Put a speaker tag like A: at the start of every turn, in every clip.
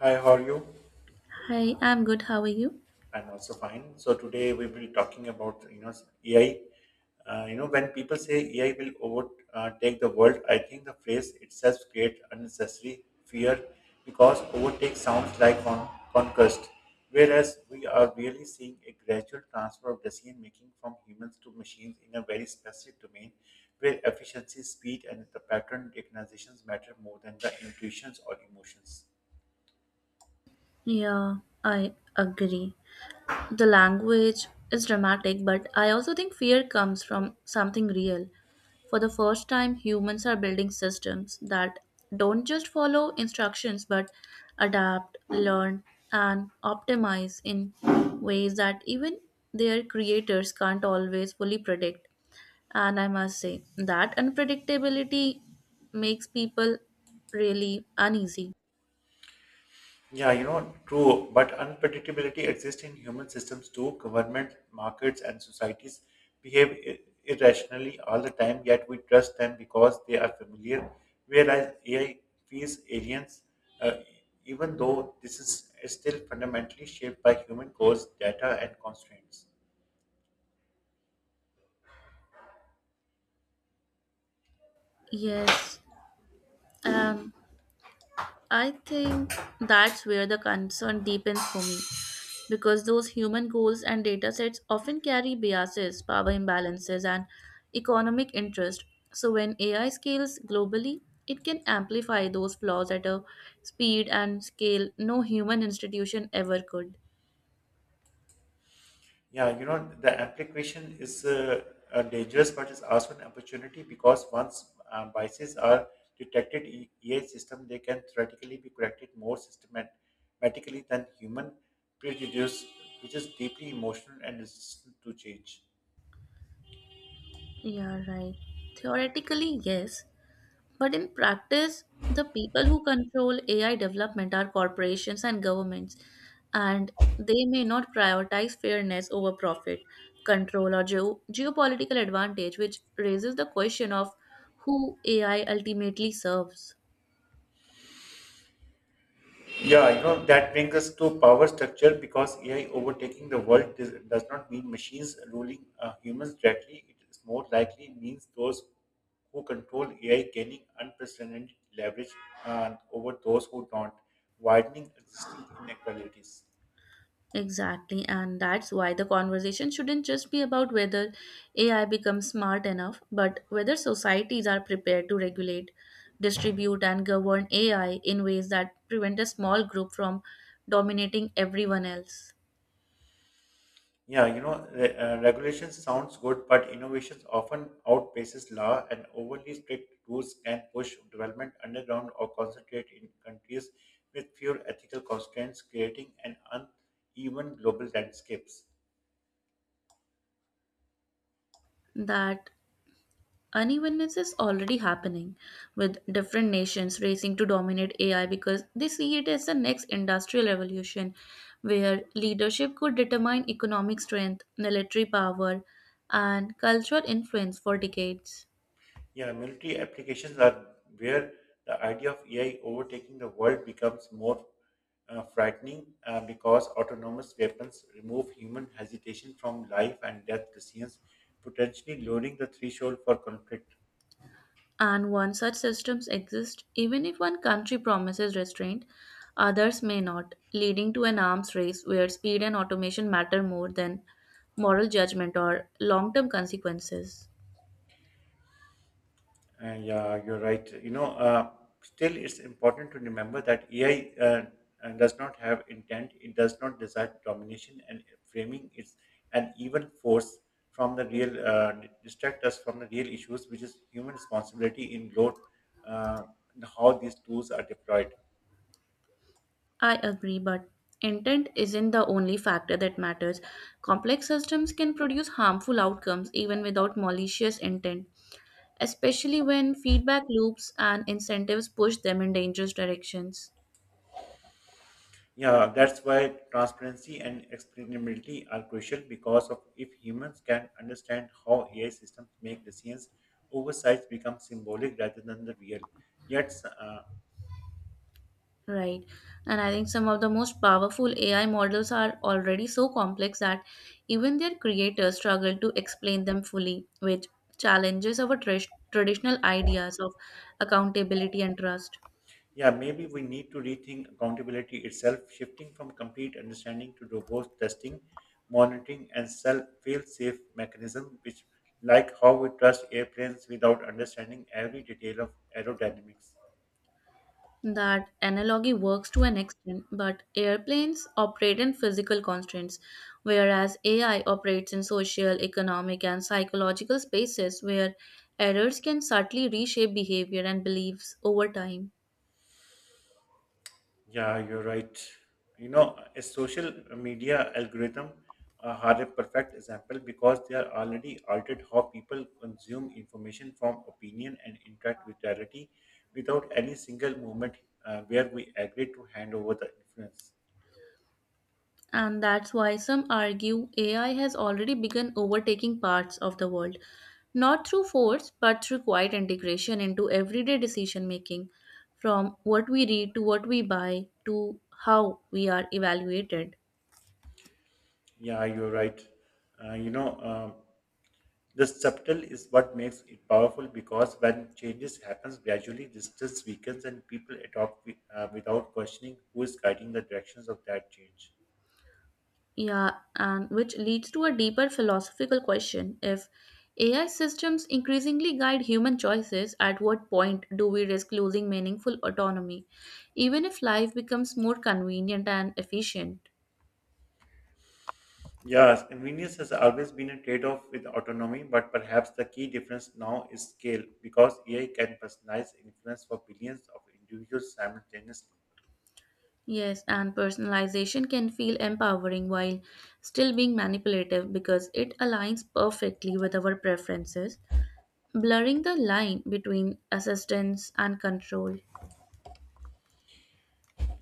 A: Hi, how are you?
B: Hi, I'm good. How are you?
A: I'm also fine. So today we will be talking about AI. When people say AI will overtake the world, I think the phrase itself creates unnecessary fear because overtake sounds like conquest, whereas we are really seeing a gradual transfer of decision making from humans to machines in a very specific domain where efficiency, speed, and the pattern recognitions matter more than the intuitions or emotions.
B: Yeah, I agree. The language is dramatic, but I also think fear comes from something real. For the first time, humans are building systems that don't just follow instructions but adapt, learn, and optimize in ways that even their creators can't always fully predict. And I must say, that unpredictability makes people really uneasy.
A: Yeah, true, but unpredictability exists in human systems too. Government, markets, and societies behave irrationally all the time, yet we trust them because they are familiar. Whereas AI feels aliens, uh, even though this is still fundamentally shaped by human goals, data, and constraints.
B: Yes. Um, I think that's where the concern deepens for me, because those human goals and data sets often carry biases, power imbalances, and economic interest. So when AI scales globally, it can amplify those flaws at a speed and scale no human institution ever could.
A: Yeah, the application is dangerous, but it's also an opportunity because once biases are detected in AI system, they can theoretically be corrected more systematically than human prejudice, which is deeply emotional and resistant to change.
B: Yeah, right. Theoretically, yes, but in practice, the people who control AI development are corporations and governments, and they may not prioritize fairness over profit, control, or geopolitical advantage, which raises the question of who AI ultimately serves.
A: Yeah, that brings us to power structure because AI overtaking the world does not mean machines ruling humans directly. It is more likely means those who control AI gaining unprecedented leverage over those who don't, widening existing inequalities.
B: Exactly, and that's why the conversation shouldn't just be about whether AI becomes smart enough, but whether societies are prepared to regulate, distribute, and govern AI in ways that prevent a small group from dominating everyone else.
A: Yeah, regulations sounds good, but innovations often outpaces law, and overly strict rules can push development underground or concentrate in countries with fewer ethical constraints, creating an uneven global landscapes.
B: That Unevenness is already happening, with different nations racing to dominate AI because they see it as the next industrial revolution, where leadership could determine economic strength, military power, and cultural influence for decades.
A: Yeah, military applications are where the idea of AI overtaking the world becomes more frightening because autonomous weapons remove human hesitation from life and death decisions, potentially lowering the threshold for conflict.
B: And once such systems exist, even if one country promises restraint, others may not, leading to an arms race where speed and automation matter more than moral judgment or long term consequences.
A: Yeah, you're right. Still, it's important to remember that AI does not have intent, it does not desire domination, and framing is an even force from the real, distract us from the real issues, which is human responsibility in load, uh, and how these tools are deployed.
B: I agree, but intent isn't the only factor that matters. Complex systems can produce harmful outcomes even without malicious intent, especially when feedback loops and incentives push them in dangerous directions.
A: Yeah, that's why transparency and explainability are crucial because of if humans can understand how AI systems make decisions, oversights become symbolic rather than the real. Yet, uh,
B: Right. And I think some of the most powerful AI models are already so complex that even their creators struggle to explain them fully, which challenges our traditional ideas of accountability and trust.
A: yeah, maybe we need to rethink accountability itself, shifting from complete understanding to robust testing, monitoring, and self fail-safe mechanism, which like how we trust airplanes without understanding every detail of aerodynamics.
B: That analogy works to an extent, but airplanes operate in physical constraints, whereas AI operates in social, economic, and psychological spaces where errors can subtly reshape behavior and beliefs over time.
A: Yeah, you're right. A social media algorithm are a perfect example because they are already altered how people consume information from opinion and interact with reality without any single moment where we agree to hand over the influence.
B: And that's why some argue AI has already begun overtaking parts of the world, not through force, but through quiet integration into everyday decision making, from what we read to what we buy to how we are evaluated.
A: Yeah, you're right. Uh, you know, um, the subtle is what makes it powerful because when changes happens gradually, distance weakens and people adopt without questioning who is guiding the directions of that change.
B: Yeah, and which leads to a deeper philosophical question. If AI systems increasingly guide human choices, at what point do we risk losing meaningful autonomy, even if life becomes more convenient and efficient?
A: Yes, convenience has always been a trade off with autonomy, but perhaps the key difference now is scale because AI can personalize influence for billions of individuals simultaneously.
B: Yes, and personalization can feel empowering while still being manipulative because it aligns perfectly with our preferences, blurring the line between assistance and control.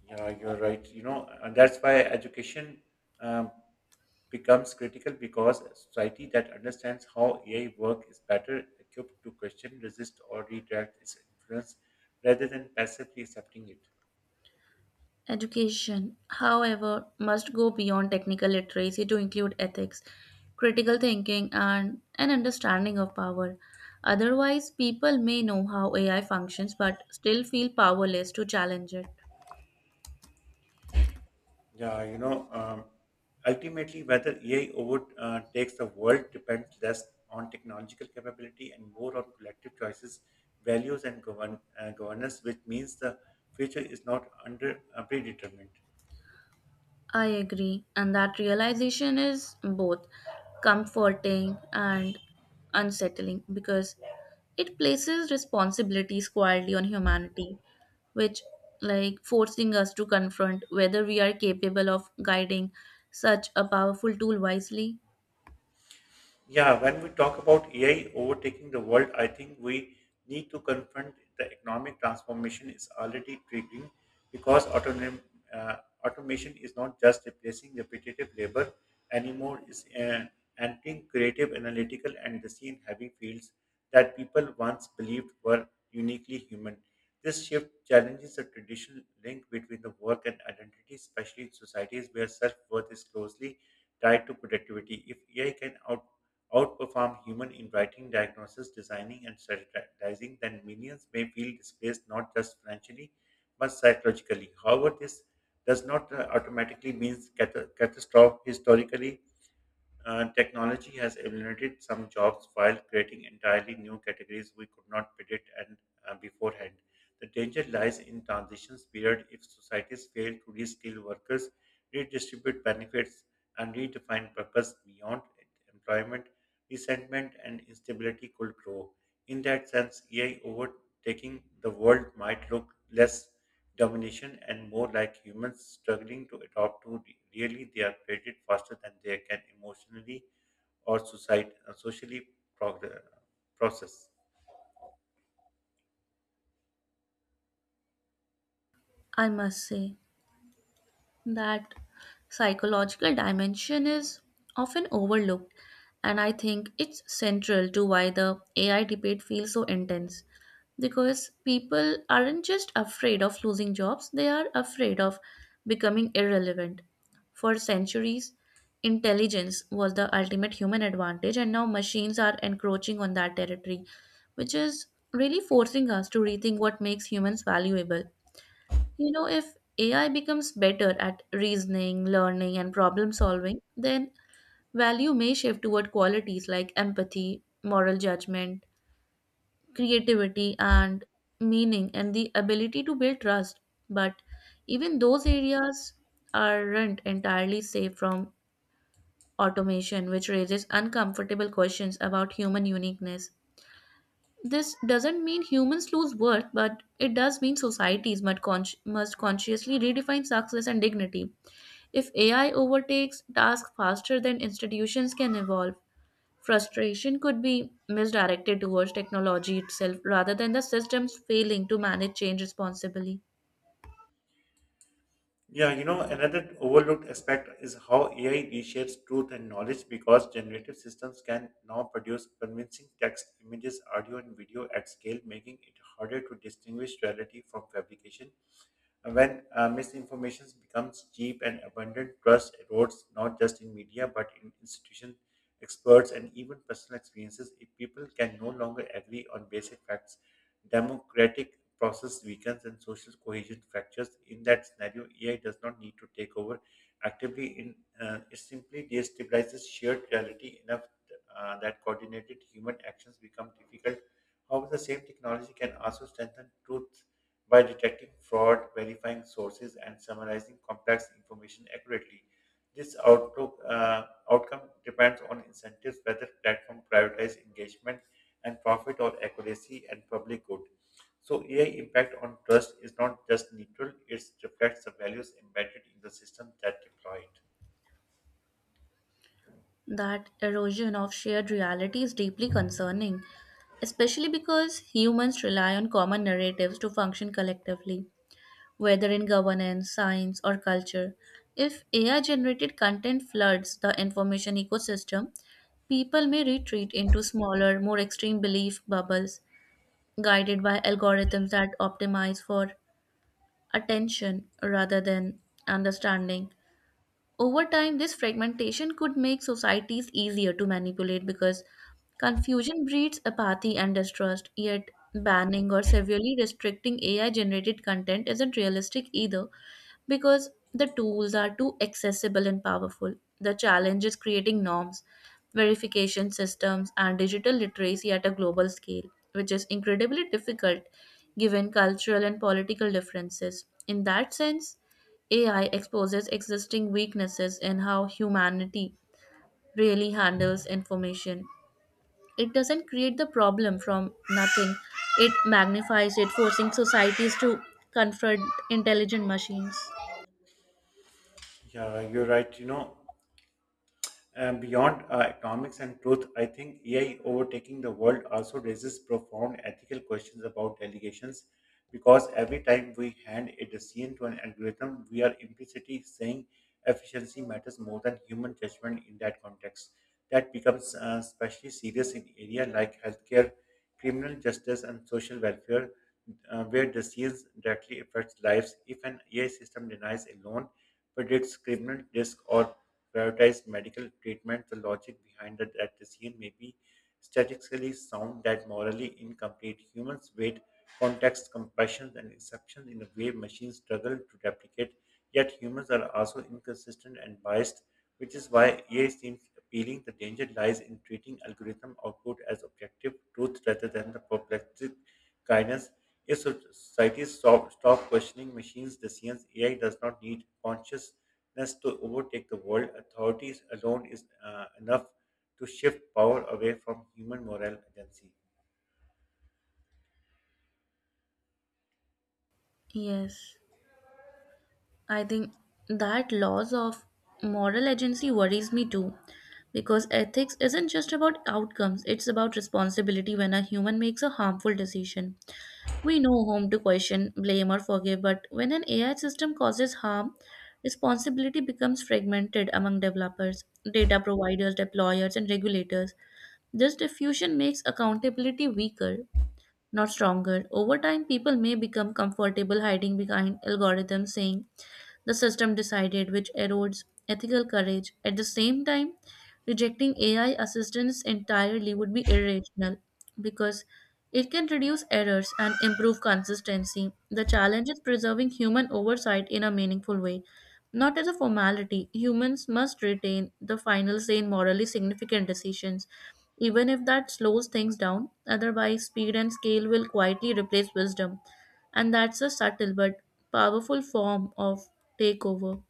A: Yeah, you're right. And that's why education um, becomes critical because a society that understands how AI work is better equipped to question, resist, or redirect its influence rather than passively accepting it.
B: Education, however, must go beyond technical literacy to include ethics, critical thinking, and an understanding of power. Otherwise, people may know how AI functions but still feel powerless to challenge it.
A: Yeah, ultimately, whether AI overtakes the world depends less on technological capability and more on collective choices, values, and governance, which means the future is not under predetermined.
B: I agree, and that realization is both comforting and unsettling, because it places responsibilities quietly on humanity, which, like, forcing us to confront whether we are capable of guiding such a powerful tool wisely.
A: Yeah, when we talk about AI overtaking the world, I think we need to confront the economic transformation is already triggering because uh, automation is not just replacing repetitive labor anymore, it's entering creative, analytical, and decision-heavy fields that people once believed were uniquely human. This shift challenges the traditional link between the work and identity, especially in societies where self-worth is closely tied to productivity. If AI can outperform human in writing, diagnosis, designing, and strategizing, then millions may feel displaced not just financially but psychologically. However, this does not automatically mean catastrophe. Historically, technology has eliminated some jobs while creating entirely new categories we could not predict and beforehand. The danger lies in transitions period if societies fail to reskill workers, redistribute benefits, and redefine purpose beyond employment, resentment and instability could grow. In that sense, AI overtaking the world might look less domination and more like humans struggling to adopt to really they are created faster than they can emotionally or socially prog- uh, process.
B: I must say that psychological dimension is often overlooked, and I think it's central to why the AI debate feels so intense. Because people aren't just afraid of losing jobs, they are afraid of becoming irrelevant. For centuries, intelligence was the ultimate human advantage, and now machines are encroaching on that territory, which is really forcing us to rethink what makes humans valuable. You know, if AI becomes better at reasoning, learning, and problem solving, then value may shift toward qualities like empathy, moral judgment, creativity, and meaning, and the ability to build trust. But even those areas aren't entirely safe from automation, which raises uncomfortable questions about human uniqueness. This doesn't mean humans lose worth, but it does mean societies must, must consciously redefine success and dignity. If AI overtakes tasks faster than institutions can evolve, frustration could be misdirected towards technology itself rather than the systems failing to manage change responsibly.
A: Yeah, another overlooked aspect is how AI reshapes truth and knowledge because generative systems can now produce convincing text, images, audio, and video at scale, making it harder to distinguish reality from fabrication. When misinformation becomes cheap and abundant, trust erodes not just in media but in institutions, experts, and even personal experiences. If people can no longer agree on basic facts, democratic process weakens and social cohesion fractures. In that scenario, AI does not need to take over actively. In It simply destabilizes shared reality enough that coordinated human actions become difficult. However, the same technology can also strengthen truth by detecting fraud, verifying sources, and summarizing complex information accurately, this outcome depends on incentives, whether platform prioritize engagement and profit or accuracy and public good. So AI impact on trust is not just neutral, it reflects the values embedded in the system that deploy it.
B: That erosion of shared reality is deeply concerning, especially because humans rely on common narratives to function collectively, whether in governance, science, or culture. If AI generated content floods the information ecosystem, people may retreat into smaller, more extreme belief bubbles guided by algorithms that optimize for attention rather than understanding. Over time, this fragmentation could make societies easier to manipulate because confusion breeds apathy and distrust. Yet, banning or severely restricting AI generated content isn't realistic either, because the tools are too accessible and powerful. The challenge is creating norms, verification systems, and digital literacy at a global scale, which is incredibly difficult given cultural and political differences. In that sense, AI exposes existing weaknesses in how humanity really handles information. It doesn't create the problem from nothing, it magnifies it, forcing societies to confront intelligent machines.
A: Yeah, you're right. Beyond economics and truth, I think AI overtaking the world also raises profound ethical questions about delegations because every time we hand a decision to an algorithm, we are implicitly saying efficiency matters more than human judgment in that context. That becomes especially serious in area like healthcare, criminal justice, and social welfare, where disease directly affects lives. If an AI system denies a loan, predicts criminal risk, or prioritizes medical treatment, the logic behind that decision may be statistically sound that morally incomplete. Humans weight context, compassion, and exceptions in a way machines struggle to replicate. Yet humans are also inconsistent and biased, which is why AI seems appealing. The danger lies in treating algorithm output as objective truth rather than the perplexing guidance. If societies stop questioning machines' decisions, AI does not need consciousness to overtake the world. Authorities alone is enough to shift power away from human moral agency.
B: Yes, I think that loss of moral agency worries me too. Because ethics isn't just about outcomes, it's about responsibility when a human makes a harmful decision. We know whom to question, blame, or forgive, but when an AI system causes harm, responsibility becomes fragmented among developers, data providers, deployers, and regulators. This diffusion makes accountability weaker, not stronger. Over time, people may become comfortable hiding behind algorithms, saying, the system decided, which erodes ethical courage. At the same time, rejecting AI assistance entirely would be irrational because it can reduce errors and improve consistency. The challenge is preserving human oversight in a meaningful way, not as a formality. Humans must retain the final say in morally significant decisions, even if that slows things down. Otherwise, speed and scale will quietly replace wisdom. And that's a subtle but powerful form of takeover.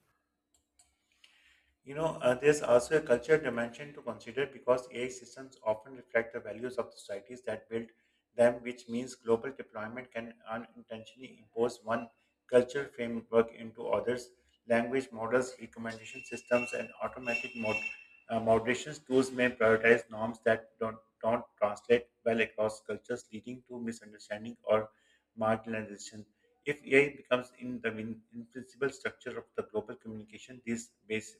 A: There's also a culture dimension to consider because AI systems often reflect the values of the societies that built them, which means global deployment can unintentionally impose one culture framework into others. Language models, recommendation systems, and automatic moderation tools may prioritize norms that don't translate well across cultures, leading to misunderstanding or marginalization. If AI becomes in principal structure of the global communication, these base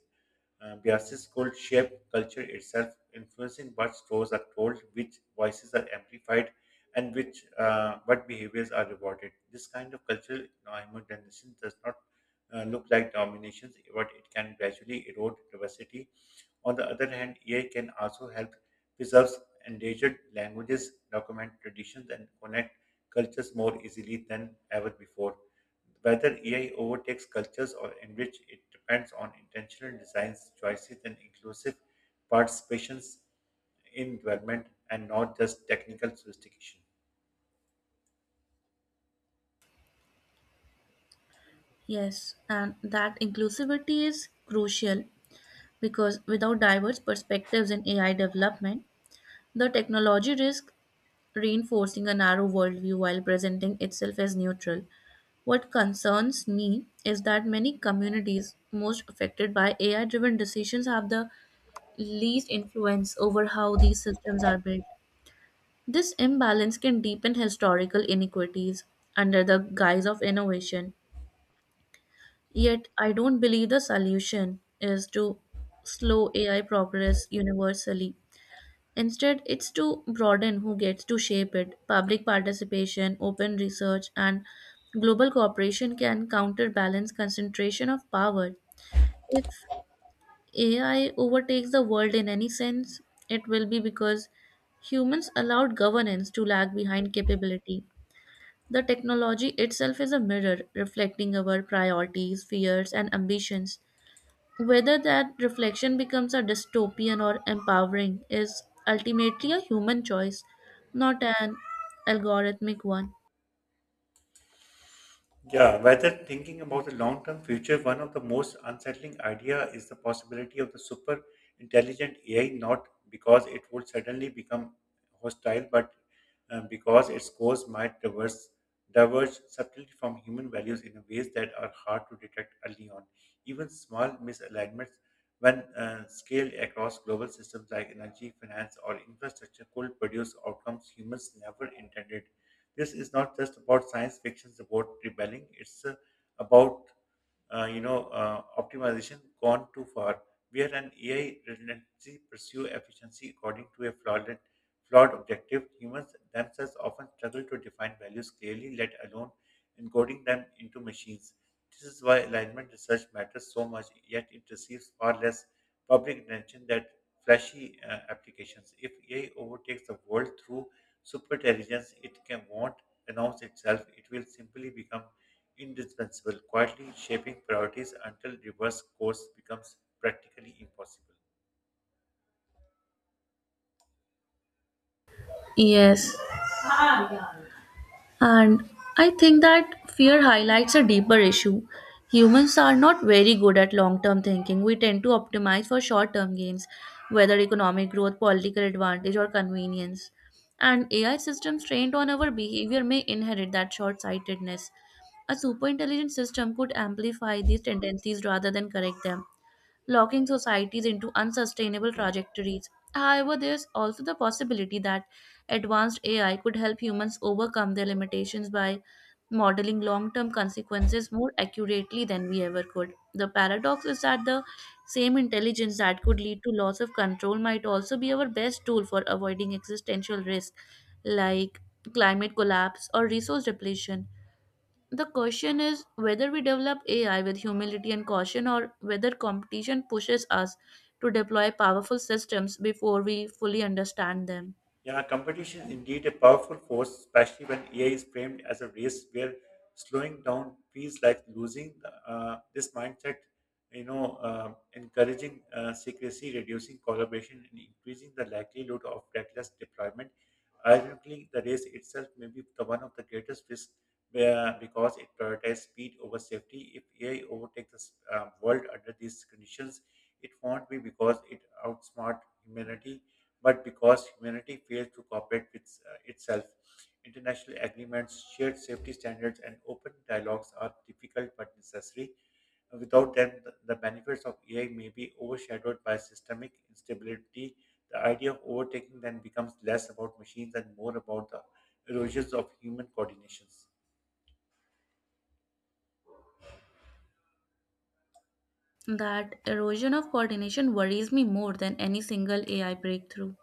A: Bias's school shape culture itself, influencing what stories are told, which voices are amplified, and which what behaviors are rewarded. This kind of cultural homogenization does not look like dominations, but it can gradually erode diversity. On the other hand, AI can also help preserve endangered languages, document traditions, and connect cultures more easily than ever before. Whether AI overtakes cultures or enrich it depends on intentional designs, choices, and inclusive participations in development and not just technical sophistication.
B: Yes, and that inclusivity is crucial because without diverse perspectives in AI development, the technology risks reinforcing a narrow worldview while presenting itself as neutral. What concerns me is that many communities most affected by AI driven decisions have the least influence over how these systems are built. This imbalance can deepen historical inequities under the guise of innovation. Yet, I don't believe the solution is to slow AI progress universally. Instead, it's to broaden who gets to shape it. Public participation, open research, and global cooperation can counterbalance concentration of power. If AI overtakes the world in any sense, it will be because humans allowed governance to lag behind capability. The technology itself is a mirror reflecting our priorities, fears, and ambitions. Whether that reflection becomes a dystopian or empowering is ultimately a human choice, not an algorithmic one.
A: Yeah, whether thinking about the long-term future, one of the most unsettling idea is the possibility of the super intelligent AI, not because it would suddenly become hostile, but because its course might diverge subtly from human values in ways that are hard to detect early on. Even small misalignments, when scaled across global systems like energy, finance, or infrastructure, could produce outcomes humans never intended. This is not just about science fiction, it's about rebelling. It's about optimization gone too far, where an AI relentlessly pursue efficiency according to a flawed objective. Humans themselves often struggle to define values clearly, let alone encoding them into machines. This is why alignment research matters so much, yet it receives far less public attention than flashy applications. If AI overtakes the world through superintelligence, it can won't announce itself. It will simply become indispensable, quietly shaping priorities until reverse course becomes practically impossible.
B: Yes, and I think that fear highlights a deeper issue. Humans are not very good at long term thinking. We tend to optimize for short term gains, whether economic growth, political advantage, or convenience. And AI systems trained on our behavior may inherit that short sightedness. A superintelligent system could amplify these tendencies rather than correct them, locking societies into unsustainable trajectories. However, there's also the possibility that advanced AI could help humans overcome their limitations by modeling long term consequences more accurately than we ever could. The paradox is that the same intelligence that could lead to loss of control might also be our best tool for avoiding existential risk like climate collapse or resource depletion. The question is whether we develop AI with humility and caution or whether competition pushes us to deploy powerful systems before we fully understand them.
A: Yeah, competition is indeed a powerful force, especially when AI is framed as a race where slowing down feels like losing. This mindset, encouraging secrecy, reducing collaboration, and increasing the likelihood of reckless deployment. Ironically, the race itself may be the one of the greatest risks because it prioritizes speed over safety. If AI overtakes the world under these conditions, it won't be because it outsmart humanity but because humanity fails to cooperate with itself. International agreements, shared safety standards, and open dialogues are difficult but necessary. Without them, the benefits of AI may be overshadowed by systemic instability. The idea of overtaking then becomes less about machines and more about the erosions of human coordinations.
B: That erosion of coordination worries me more than any single AI breakthrough.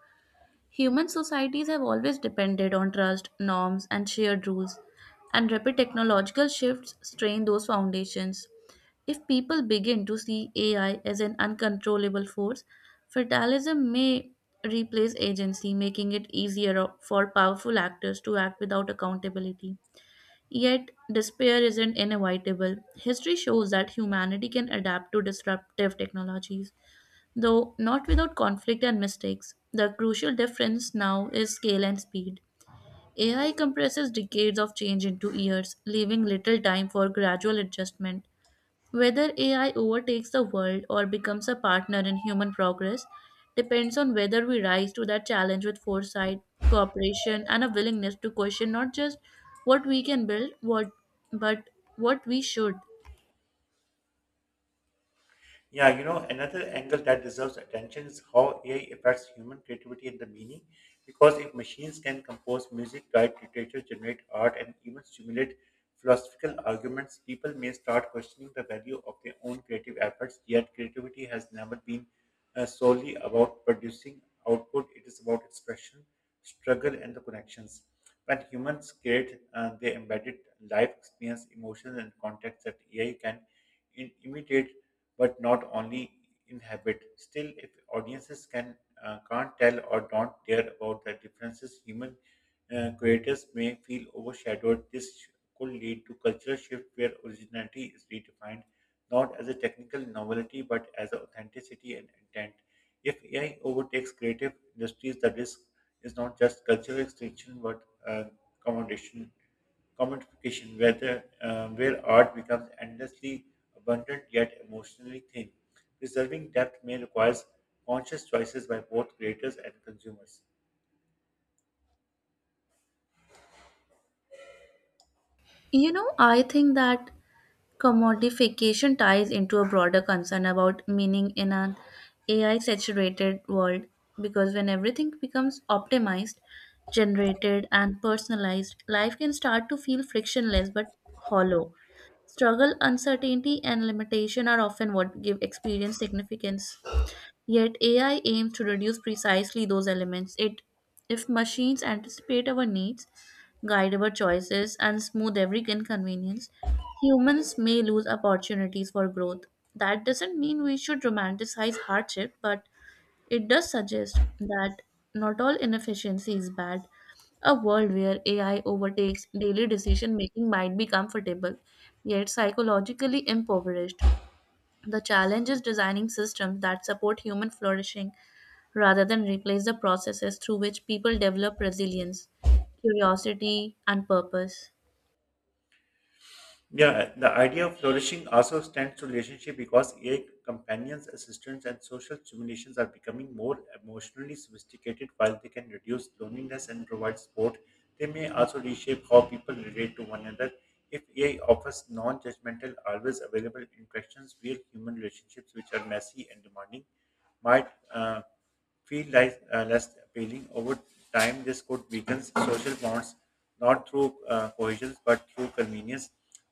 B: Human societies have always depended on trust, norms, and shared rules, and rapid technological shifts strain those foundations. If people begin to see AI as an uncontrollable force, fatalism may replace agency, making it easier for powerful actors to act without accountability. Yet, despair isn't inevitable. History shows that humanity can adapt to disruptive technologies, though not without conflict and mistakes. The crucial difference now is scale and speed. AI compresses decades of change into years, leaving little time for gradual adjustment. Whether AI overtakes the world or becomes a partner in human progress depends on whether we rise to that challenge with foresight, cooperation, and a willingness to question not just what we can build, what, but what we should.
A: Yeah, you know, another angle that deserves attention is how AI affects human creativity and the meaning. Because if machines can compose music, write literature, generate art, and even stimulate philosophical arguments, people may start questioning the value of their own creative efforts. Yet, creativity has never been solely about producing output, it is about expression, struggle, and the connections. When humans create, they embedded life experience, emotions, and context that AI can imitate but not only inhabit. Still, if audiences can can't tell or don't care about the differences, human creators may feel overshadowed. Could lead to cultural shift where originality is redefined not as a technical novelty but as a authenticity and intent. If AI overtakes creative industries, the risk is not just cultural extinction but uh, commodation commodification, where art becomes endlessly abundant yet emotionally thin. Preserving depth may require conscious choices by both creators and consumers.
B: You know, I think that commodification ties into a broader concern about meaning in an AI saturated world, because when everything becomes optimized, generated, and personalized, life can start to feel frictionless but hollow. Struggle, uncertainty, and limitation are often what give experience significance. Yet AI aims to reduce precisely those elements. It if machines anticipate our needs, guide our choices, and smooth every inconvenience, humans may lose opportunities for growth. That doesn't mean we should romanticize hardship, but it does suggest that not all inefficiency is bad. A world where AI overtakes daily decision making might be comfortable, yet psychologically impoverished. The challenge is designing systems that support human flourishing rather than replace the processes through which people develop resilience, curiosity, and purpose.
A: Yeah, the idea of flourishing also stands to relationship because AI companions, assistants, and social simulations are becoming more emotionally sophisticated while they can reduce loneliness and provide support. They may also reshape how people relate to one another. If AI offers non judgmental, always available interactions, real human relationships, which are messy and demanding, might feel like less appealing. Over time, this could weaken social bonds, not through cohesion but through convenience.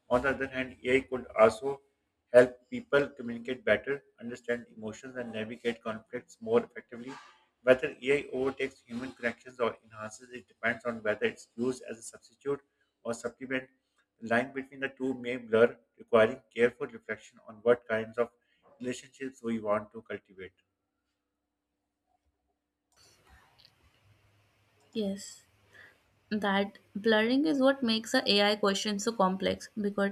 A: On the other hand, AI could also help people communicate better, understand emotions, and navigate conflicts more effectively. Whether AI overtakes human connections or enhances it depends on whether it's used as a substitute or supplement. The line between the two may blur, requiring careful reflection on what kinds of relationships we want to cultivate.
B: Yes, that blurring is what makes the AI question so complex, because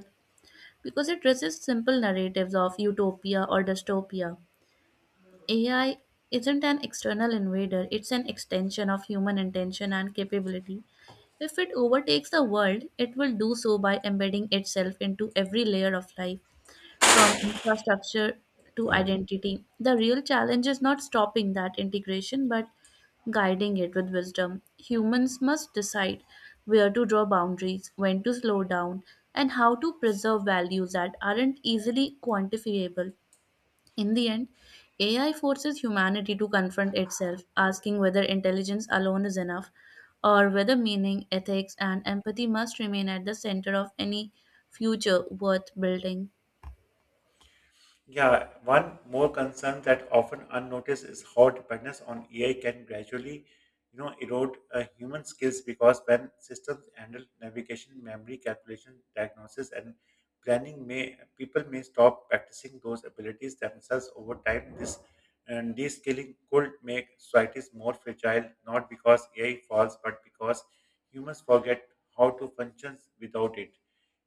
B: because it resists simple narratives of utopia or dystopia. AI isn't an external invader, it's an extension of human intention and capability. If it overtakes the world, it will do so by embedding itself into every layer of life, from infrastructure to identity. The real challenge is not stopping that integration, but guiding it with wisdom. Humans must decide where to draw boundaries, when to slow down, and how to preserve values that aren't easily quantifiable. In the end, AI forces humanity to confront itself, asking whether intelligence alone is enough or whether meaning, ethics, and empathy must remain at the center of any future worth building.
A: Yeah, one more concern that often unnoticed is how dependence on AI can gradually, erode human skills because when systems handle navigation, memory, calculation, diagnosis, and planning may people may stop practicing those abilities themselves over time. This and de-skilling could make societies more fragile, not because AI falls, but because humans forget how to function without it.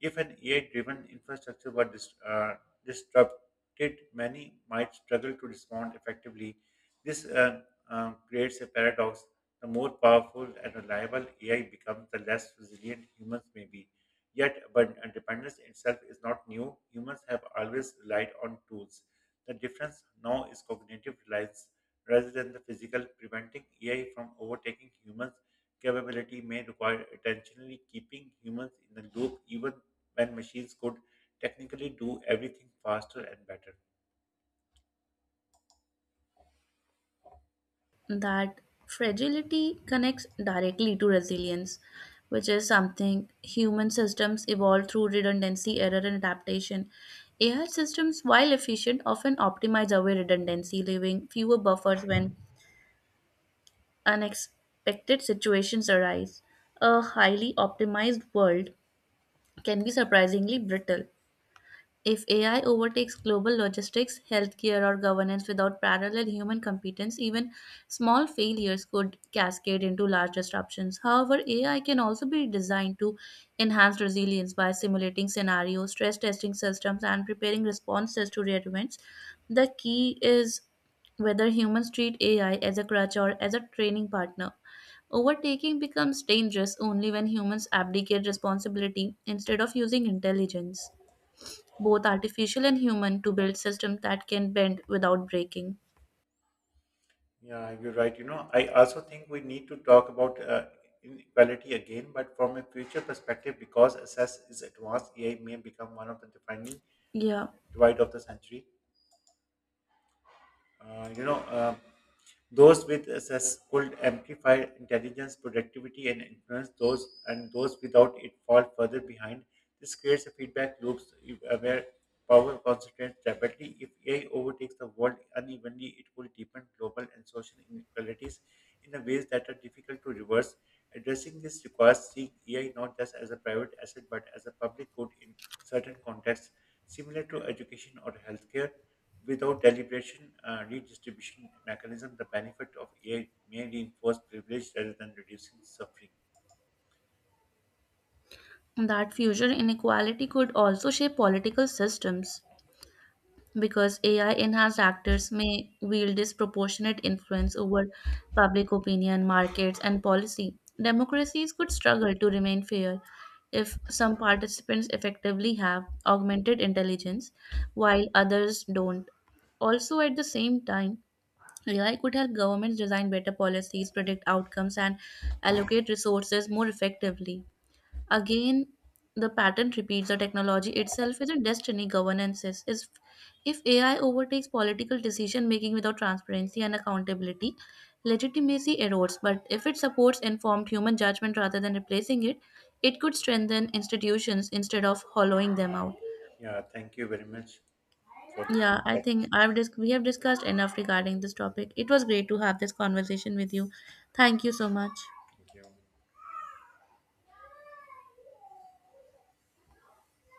A: If an AI-driven infrastructure were disrupted, many might struggle to respond effectively. This creates a paradox. The more powerful and reliable AI becomes, the less resilient humans may be. Yet, but dependence itself is not new. Humans have always relied on tools. The difference now is cognitive reliance rather than the physical. Preventing AI from overtaking humans' capability may require intentionally keeping humans in the loop, even when machines could technically do everything faster and better.
B: That fragility connects directly to resilience, which is something human systems evolve through redundancy, error, and adaptation. AI systems, while efficient, often optimize away redundancy, leaving fewer buffers when unexpected situations arise. A highly optimized world can be surprisingly brittle. If AI overtakes global logistics, healthcare, or governance without parallel human competence, even small failures could cascade into large disruptions. However, AI can also be designed to enhance resilience by simulating scenarios, stress testing systems, and preparing responses to rare events. The key is whether humans treat AI as a crutch or as a training partner. Overtaking becomes dangerous only when humans abdicate responsibility instead of using intelligence, both artificial and human, to build systems that can bend without breaking.
A: Yeah, you're right. You know, I also think we need to talk about inequality again, but from a future perspective, because access is advanced, AI may become one of the defining
B: Yeah,
A: Dwight of the century. Uh, you know, uh, those with success could amplify intelligence, productivity, and influence. Those without it fall further behind. This creates a feedback loop where power concentrates rapidly. If AI overtakes the world unevenly, it will deepen global and social inequalities in the ways that are difficult to reverse. Addressing this requires seeing AI not just as a private asset but as a public good in certain contexts, similar to education or healthcare. Without deliberation redistribution mechanism, the benefit of AI may reinforce privilege rather than reducing suffering.
B: that future inequality could also shape political systems because AI enhanced actors may wield disproportionate influence over public opinion, markets, and policy. Democracies could struggle to remain fair if some participants effectively have augmented intelligence while others don't. Also, at the same time, AI could help governments design better policies, predict outcomes, and allocate resources more effectively. Again, the pattern repeats the technology itself is a destiny governances. Is if AI overtakes political decision making without transparency and accountability, legitimacy erodes. But if it supports informed human judgment rather than replacing it, it could strengthen institutions instead of hollowing them out.
A: Yeah, thank you very much for this
B: Yeah, I think
A: conversation.
B: we have discussed enough regarding this topic. It was great to have this conversation with you. Thank you so much.
A: Thank you.